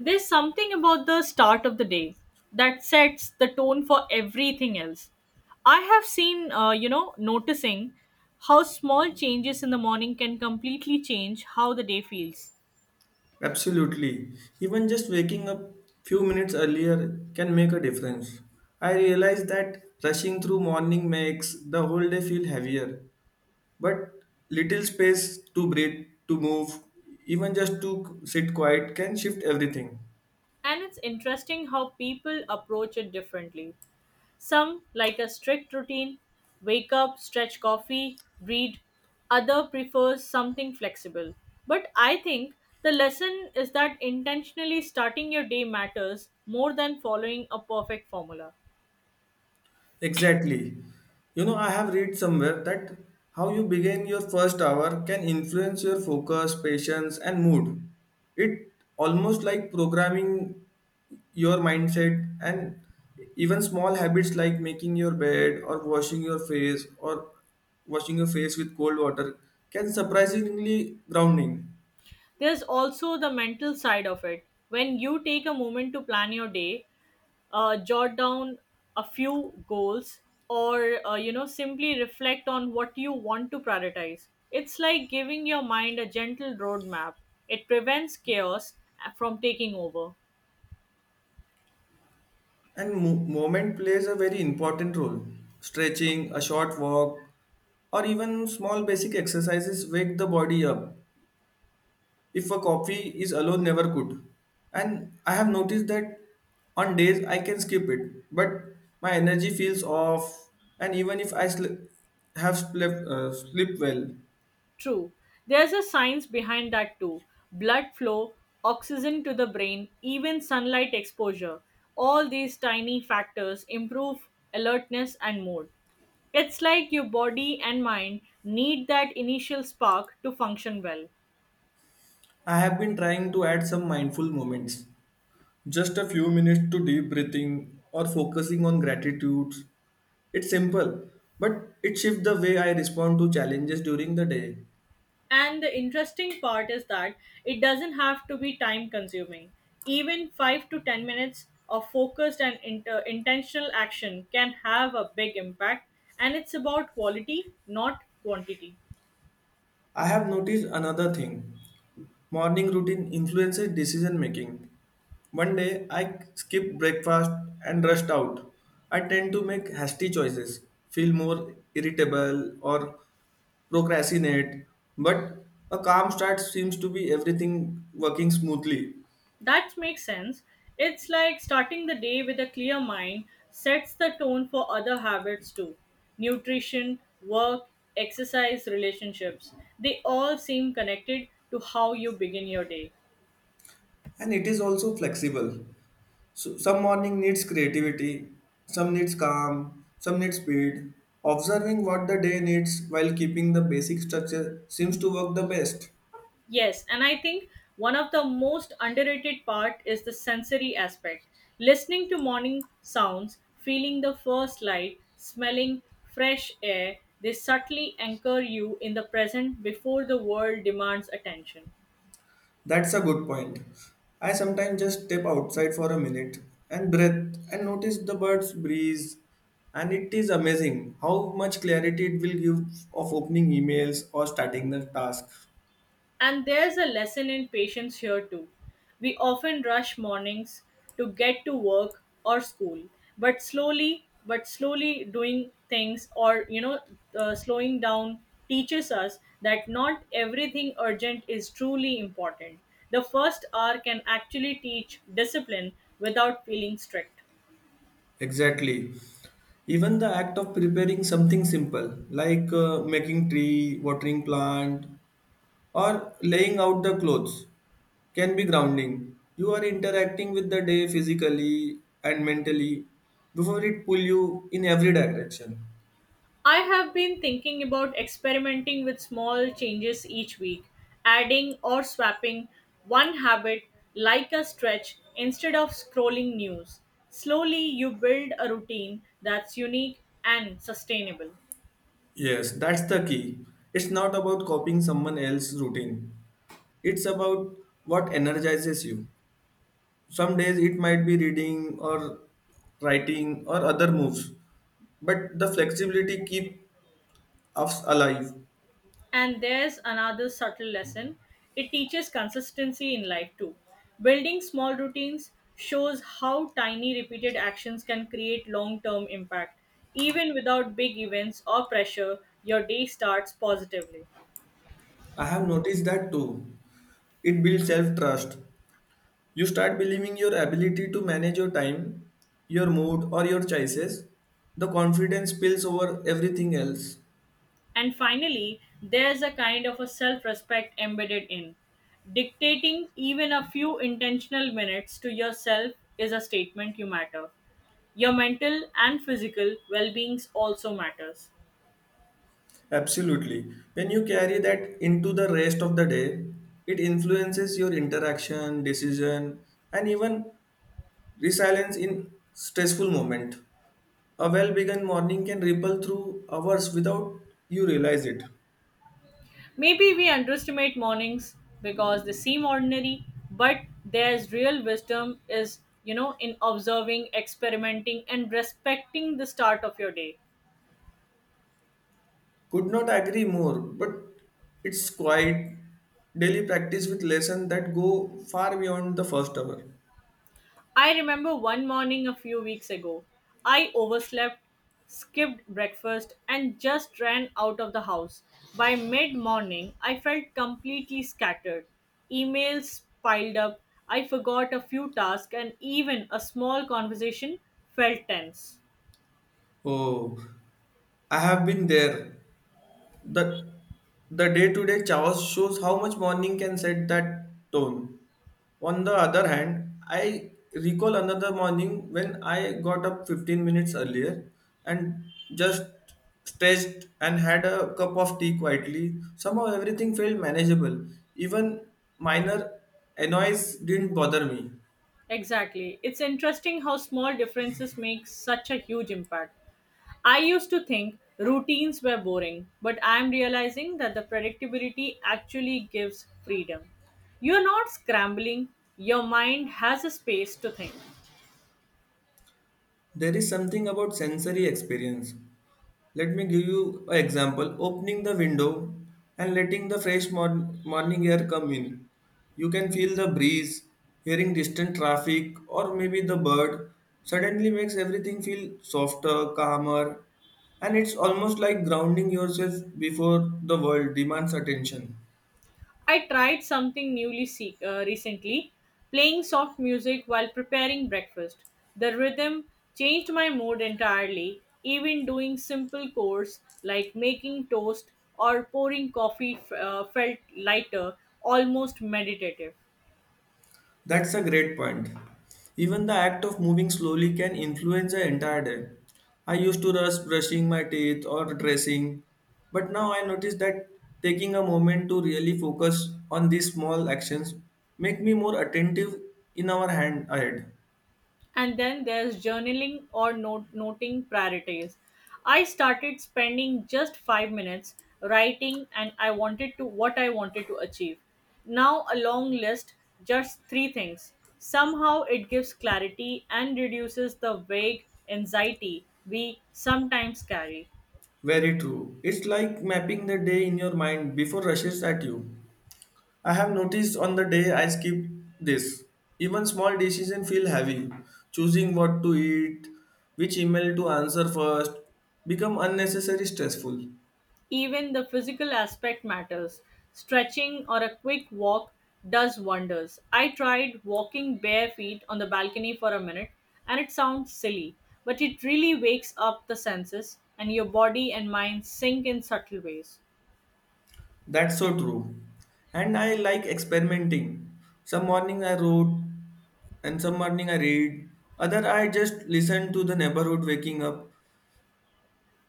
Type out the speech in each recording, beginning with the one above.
There's something about the start of the day that sets the tone for everything else. I have seen, noticing how small changes in the morning can completely change how the day feels. Absolutely. Even just waking up few minutes earlier can make a difference. I realize that rushing through morning makes the whole day feel heavier, but little space to breathe, to move, even just to sit quiet can shift everything. And it's interesting how people approach it differently. Some, like a strict routine, wake up, stretch coffee, read. Other prefers something flexible. But I think the lesson is that intentionally starting your day matters more than following a perfect formula. Exactly. You know, I have read somewhere that how you begin your first hour can influence your focus, patience, and mood. It almost like programming your mindset and even small habits like making your bed or washing your face or washing your face with cold water can surprisingly grounding. There's also the mental side of it. When you take a moment to plan your day, jot down a few goals or simply reflect on what you want to prioritize. It's like giving your mind a gentle roadmap. It prevents chaos from taking over. And movement plays a very important role. Stretching, a short walk, or even small basic exercises wake the body up if a coffee is alone never could. And I have noticed that on days I can skip it, but my energy feels off. And even if I sl- have slept, sleep well. True. There's a science behind that too. Blood flow, oxygen to the brain, even sunlight exposure, all these tiny factors improve alertness and mood. It's like your body and mind need that initial spark to function well. I have been trying to add some mindful moments. Just a few minutes to deep breathing or focusing on gratitude. It's simple, but it shifts the way I respond to challenges during the day. And the interesting part is that it doesn't have to be time consuming. Even 5 to 10 minutes of focused and intentional action can have a big impact, and it's about quality, not quantity. I have noticed another thing. Morning routine influences decision making. One day I skip breakfast and rushed out. I tend to make hasty choices, feel more irritable or procrastinate, but a calm start seems to be everything working smoothly. That makes sense. It's like starting the day with a clear mind sets the tone for other habits too. Nutrition, work, exercise, relationships, they all seem connected to how you begin your day. And it is also flexible. So some morning needs creativity, some needs calm, some needs speed. Observing what the day needs while keeping the basic structure seems to work the best. Yes, and I think one of the most underrated part is the sensory aspect. Listening to morning sounds, feeling the first light, smelling fresh air, they subtly anchor you in the present before the world demands attention. That's a good point. I sometimes just step outside for a minute and breathe and notice the birds breeze and it is amazing how much clarity it will give of opening emails or starting the task. And there's a lesson in patience here too. We often rush mornings to get to work or school, but slowly doing things or slowing down teaches us that not everything urgent is truly important. The first hour can actually teach discipline without feeling strict. Exactly. Even the act of preparing something simple, like making tree, watering plant, or laying out the clothes, can be grounding. You are interacting with the day physically and mentally before it pull you in every direction. I have been thinking about experimenting with small changes each week, adding or swapping one habit like a stretch instead of scrolling news. Slowly, you build a routine that's unique and sustainable. Yes, that's the key. It's not about copying someone else's routine. It's about what energizes you. Some days it might be reading or writing or other moves, but the flexibility keep Ups alive. And there's another subtle lesson. It teaches consistency in life too. Building small routines shows how tiny repeated actions can create long term impact. Even without big events or pressure, your day starts positively. I have noticed that too. It builds self trust. You start believing your ability to manage your time, your mood, or your choices. The confidence spills over everything else. And finally, there's a kind of a self respect embedded in. Dictating even a few intentional minutes to yourself is a statement you matter. Your mental and physical well being also matters. Absolutely. When you carry that into the rest of the day, it influences your interaction, decision, and even resilience in stressful moment. A well begun morning can ripple through hours without you realize it. Maybe we underestimate mornings because they seem ordinary, but there's real wisdom is, in observing, experimenting, and respecting the start of your day. Could not agree more, but it's quite daily practice with lessons that go far beyond the first hour. I remember one morning a few weeks ago, I overslept, skipped breakfast, and just ran out of the house. By mid morning, I felt completely scattered. Emails piled up, I forgot a few tasks, and even a small conversation felt tense. Oh, I have been there. The the day-to-day chaos shows how much morning can set that tone. On the other hand, I recall another morning when I got up 15 minutes earlier and just stretched and had a cup of tea quietly. Somehow everything felt manageable. Even minor annoys didn't bother me. Exactly. It's interesting how small differences make such a huge impact. I used to think routines were boring, but I'm realizing that the predictability actually gives freedom. You're not scrambling, your mind has a space to think. There is something about sensory experience. Let me give you an example. Opening the window and letting the fresh morning air come in. You can feel the breeze, hearing distant traffic, or maybe the bird suddenly makes everything feel softer, calmer, and it's almost like grounding yourself before the world demands attention. I tried something recently, playing soft music while preparing breakfast. The rhythm changed my mood entirely, even doing simple chores like making toast or pouring coffee felt lighter, almost meditative. That's a great point. Even the act of moving slowly can influence the entire day. I used to rush brushing my teeth or dressing, but now I notice that taking a moment to really focus on these small actions make me more attentive in our hand ahead. And then there's journaling or noting priorities. I started spending just 5 minutes writing and I wanted to what I wanted to achieve. Now a long list, just three things. Somehow it gives clarity and reduces the vague anxiety we sometimes carry. Very true. It's like mapping the day in your mind before rushes at you. I have noticed on the day I skip this, even small decisions feel heavy. Choosing what to eat, which email to answer first, become unnecessary stressful. Even the physical aspect matters. Stretching or a quick walk does wonders. I tried walking bare feet on the balcony for a minute, and it sounds silly, but it really wakes up the senses, and your body and mind sink in subtle ways. That's so true. And I like experimenting. Some morning I wrote, and some morning I read. Other I just listen to the neighborhood waking up.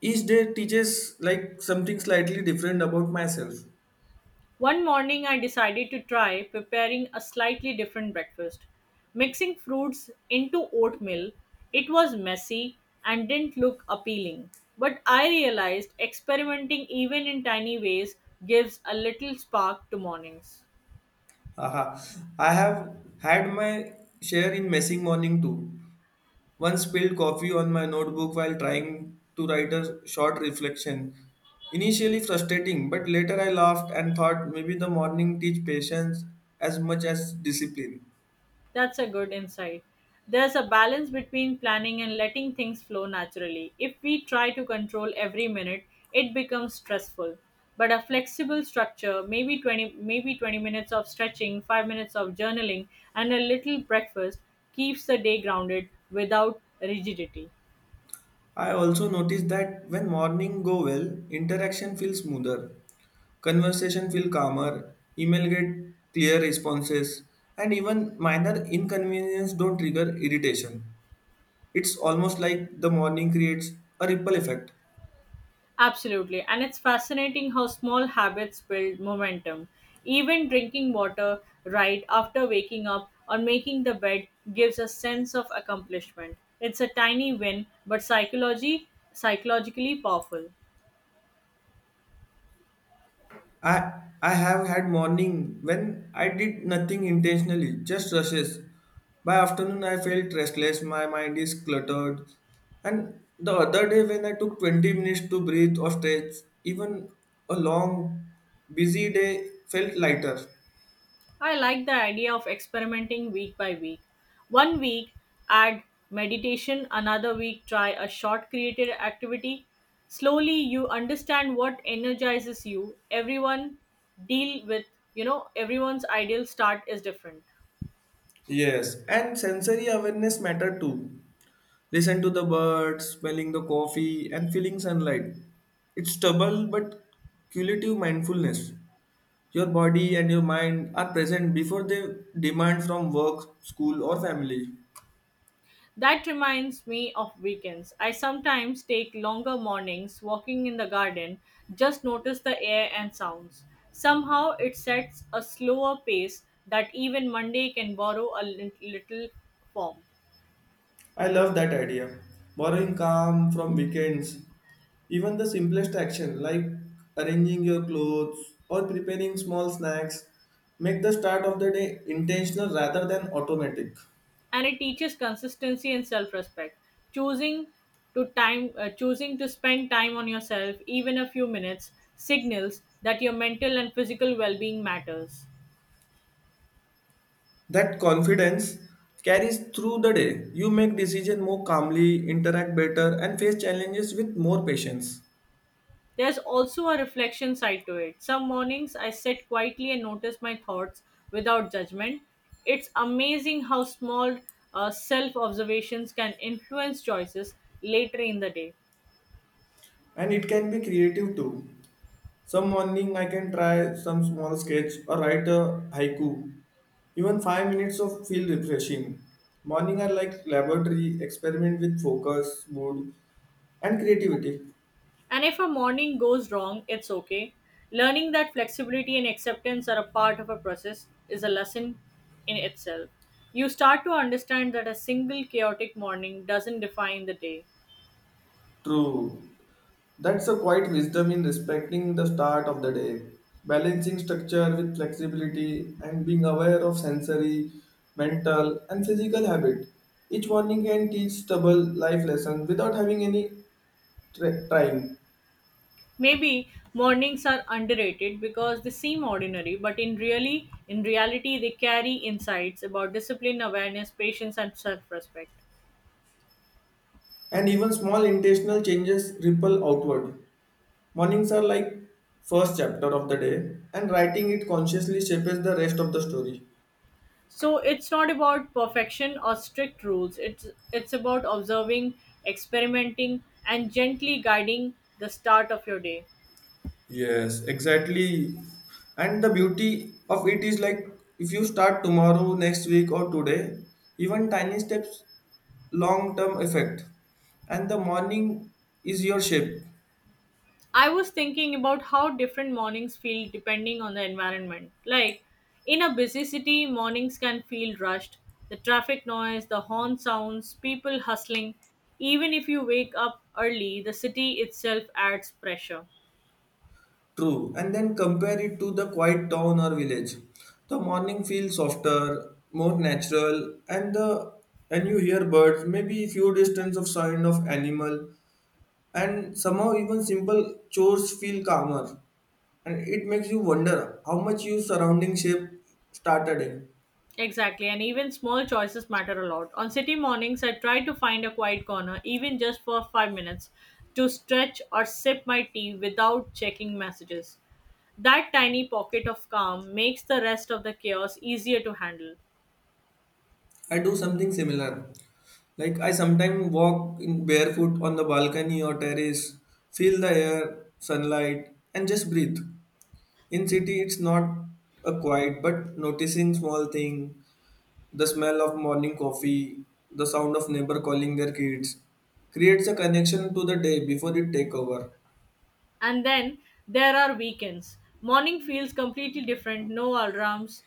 Each day teaches like something slightly different about myself. One morning, I decided to try preparing a slightly different breakfast. Mixing fruits into oatmeal, it was messy and didn't look appealing. But I realized experimenting even in tiny ways gives a little spark to mornings. Haha. I have had my share in messy morning too. Once spilled coffee on my notebook while trying to write a short reflection. Initially frustrating, but later I laughed and thought maybe the morning teach patience as much as discipline. That's a good insight. There's a balance between planning and letting things flow naturally. If we try to control every minute, it becomes stressful. But a flexible structure, maybe 20 maybe 20 minutes of stretching, 5 minutes of journaling and a little breakfast keeps the day grounded without rigidity. I also noticed that when morning go well, interaction feels smoother, conversation feel calmer, email get clear responses, and even minor inconvenience don't trigger irritation. It's almost like the morning creates a ripple effect. Absolutely. And it's fascinating how small habits build momentum. Even drinking water right after waking up or making the bed gives a sense of accomplishment. It's a tiny win, but psychology psychologically powerful. I have had morning when I did nothing intentionally, just rushes. By afternoon I felt restless, my mind is cluttered. And the other day when I took 20 minutes to breathe or stretch, even a long busy day felt lighter. I like the idea of experimenting week by week. One week, add meditation, another week, try a short creative activity. Slowly, you understand what energizes you. Everyone deal with, you know, everyone's ideal start is different. Yes, and sensory awareness matter too. Listen to the birds, smelling the coffee and feeling sunlight. It's double but cumulative mindfulness. Your body and your mind are present before they demand from work, school, or family. That reminds me of weekends. I sometimes take longer mornings walking in the garden, just notice the air and sounds. Somehow it sets a slower pace that even Monday can borrow a little form. I love that idea. Borrowing calm from weekends, even the simplest action like arranging your clothes or preparing small snacks, make the start of the day intentional rather than automatic. And it teaches consistency and self-respect. Choosing choosing to spend time on yourself even a few minutes signals that your mental and physical well-being matters. That confidence carries through the day. You make decisions more calmly, interact better, and face challenges with more patience. There's also a reflection side to it. Some mornings I sit quietly and notice my thoughts without judgment. It's amazing how small self observations can influence choices later in the day. And it can be creative too. Some morning I can try some small sketch or write a haiku. Even 5 minutes of feel refreshing. Morning are like laboratory experiment with focus, mood, and creativity. And if a morning goes wrong, it's okay. Learning that flexibility and acceptance are a part of a process is a lesson in itself. You start to understand that a single chaotic morning doesn't define the day. True. That's a quiet wisdom in respecting the start of the day, balancing structure with flexibility and being aware of sensory, mental, and physical habit. Each morning can teach stubble life lesson without having any trying. Maybe mornings are underrated because they seem ordinary, but in reality they carry insights about discipline, awareness, patience and self-respect. And even small intentional changes ripple outward. Mornings are like first chapter of the day, and writing it consciously shapes the rest of the story. So it's not about perfection or strict rules. It's about observing, experimenting and gently guiding the start of your day. Yes, exactly. And the beauty of it is like if you start tomorrow, next week, or today, even tiny steps, long term effect. And the morning is your shape. I was thinking about how different mornings feel depending on the environment. Like in a busy city, mornings can feel rushed. The traffic noise, the horn sounds, people hustling. Even if you wake up early, the city itself adds pressure. True, and then compare it to the quiet town or village. The morning feels softer, more natural, and the and you hear birds, maybe few distance of sound of animal, and somehow even simple chores feel calmer. And it makes you wonder how much your surrounding shape started in. Exactly, and even small choices matter a lot. On city mornings, I try to find a quiet corner, even just for 5 minutes, to stretch or sip my tea without checking messages. That tiny pocket of calm makes the rest of the chaos easier to handle. I do something similar. Like I sometimes walk in barefoot on the balcony or terrace, feel the air, sunlight, and just breathe. In city, it's not a quiet, but noticing small thing, the smell of morning coffee, the sound of neighbor calling their kids, creates a connection to the day before it take over. And then there are weekends. Morning feels completely different, no alarms,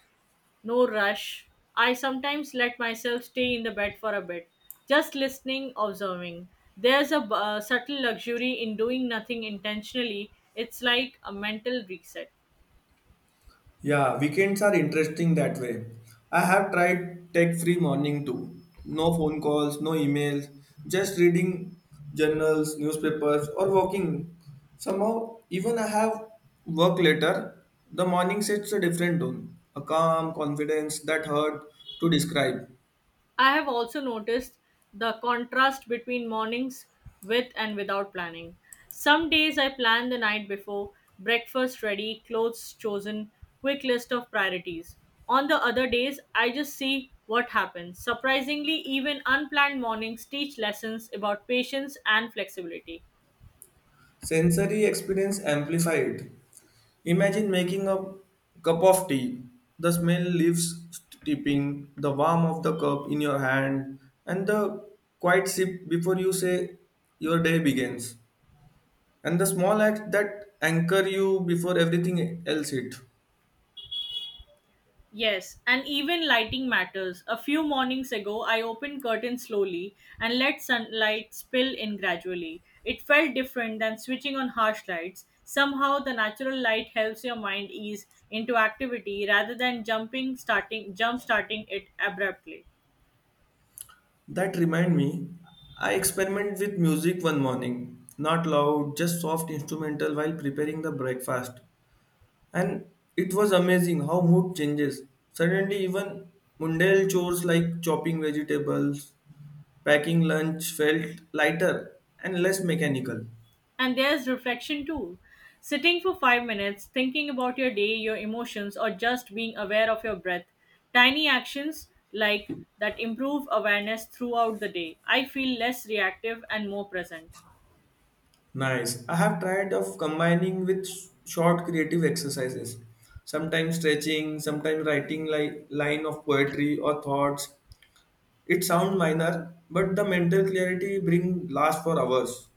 no rush. I sometimes let myself stay in the bed for a bit, just listening, observing. There's a subtle luxury in doing nothing intentionally. It's like a mental reset. Yeah, weekends are interesting that way. I have tried tech-free morning too. No phone calls, no emails, just reading journals, newspapers, or walking. Somehow, even I have work later, the morning sets a different tone, a calm confidence that hard to describe. I have also noticed the contrast between mornings with and without planning. Some days I plan the night before, breakfast ready, clothes chosen, quick list of priorities. On the other days, I just see what happens. Surprisingly, even unplanned mornings teach lessons about patience and flexibility. Sensory experience amplified. Imagine making a cup of tea. The smell leaves steeping, the warmth of the cup in your hand, and the quiet sip before you say your day begins. And the small act that anchor you before everything else hit. Yes, and even lighting matters. A few mornings ago, I opened curtains slowly and let sunlight spill in gradually. It felt different than switching on harsh lights. Somehow, the natural light helps your mind ease into activity rather than jump starting it abruptly. That remind me, I experiment with music one morning. Not loud, just soft instrumental while preparing the breakfast. And it was amazing how mood changes. Suddenly, even mundane chores like chopping vegetables, packing lunch felt lighter and less mechanical. And there's reflection too. Sitting for 5 minutes, thinking about your day, your emotions, or just being aware of your breath. Tiny actions like that improve awareness throughout the day. I feel less reactive and more present. Nice. I have tried of combining with short creative exercises. Sometimes stretching, sometimes writing like line of poetry or thoughts. It sounds minor, but the mental clarity bring last for hours.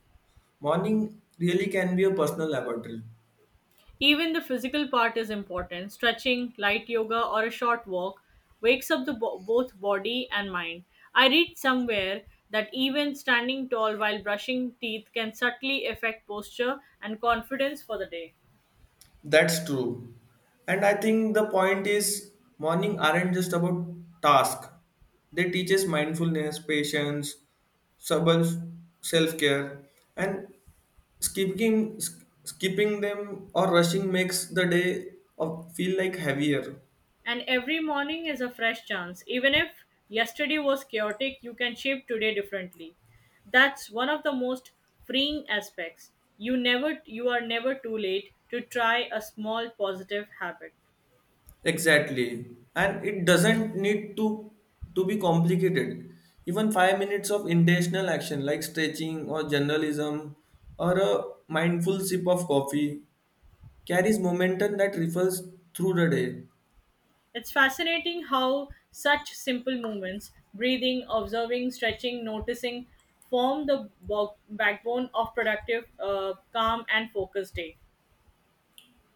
Morning really can be a personal laboratory. Even the physical part is important. Stretching, light yoga, or a short walk wakes up the both body and mind. I read somewhere that even standing tall while brushing teeth can subtly affect posture and confidence for the day. That's true. And I think the point is morning aren't just about task. They teach us mindfulness, patience, self-care and skipping skipping them or rushing makes the day of feel like heavier. And every morning is a fresh chance. Even if yesterday was chaotic, you can shape today differently. That's one of the most freeing aspects. You are never too late to try a small positive habit. Exactly. And it doesn't need to be complicated. Even 5 minutes of intentional action like stretching or journalism or a mindful sip of coffee carries momentum that ripples through the day. It's fascinating how such simple movements, breathing, observing, stretching, noticing, form the backbone of productive, calm and focused day.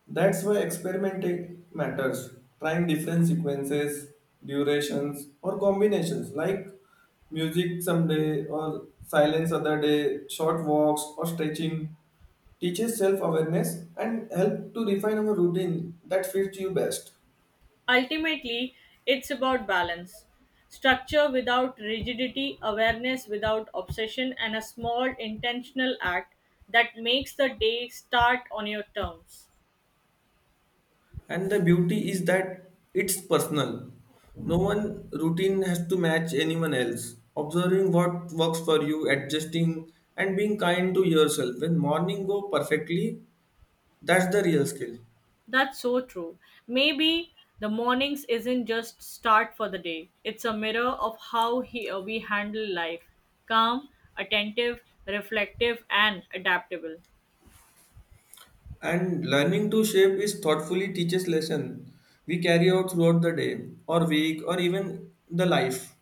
That's why experimenting matters. Trying different sequences, durations, or combinations like music someday or silence other day, short walks or stretching teaches self awareness and help to refine our routine that fits you best. Ultimately, it's about balance. Structure without rigidity, awareness without obsession, and a small intentional act that makes the day start on your terms. And the beauty is that it's personal. No one routine has to match anyone else. Observing what works for you, adjusting, and being kind to yourself. When morning go perfectly, that's the real skill. That's so true. Maybe the mornings isn't just start for the day, it's a mirror of how we handle life calm, attentive, reflective, and adaptable. And learning to shape is thoughtfully teaches lesson we carry out throughout the day or week or even the life.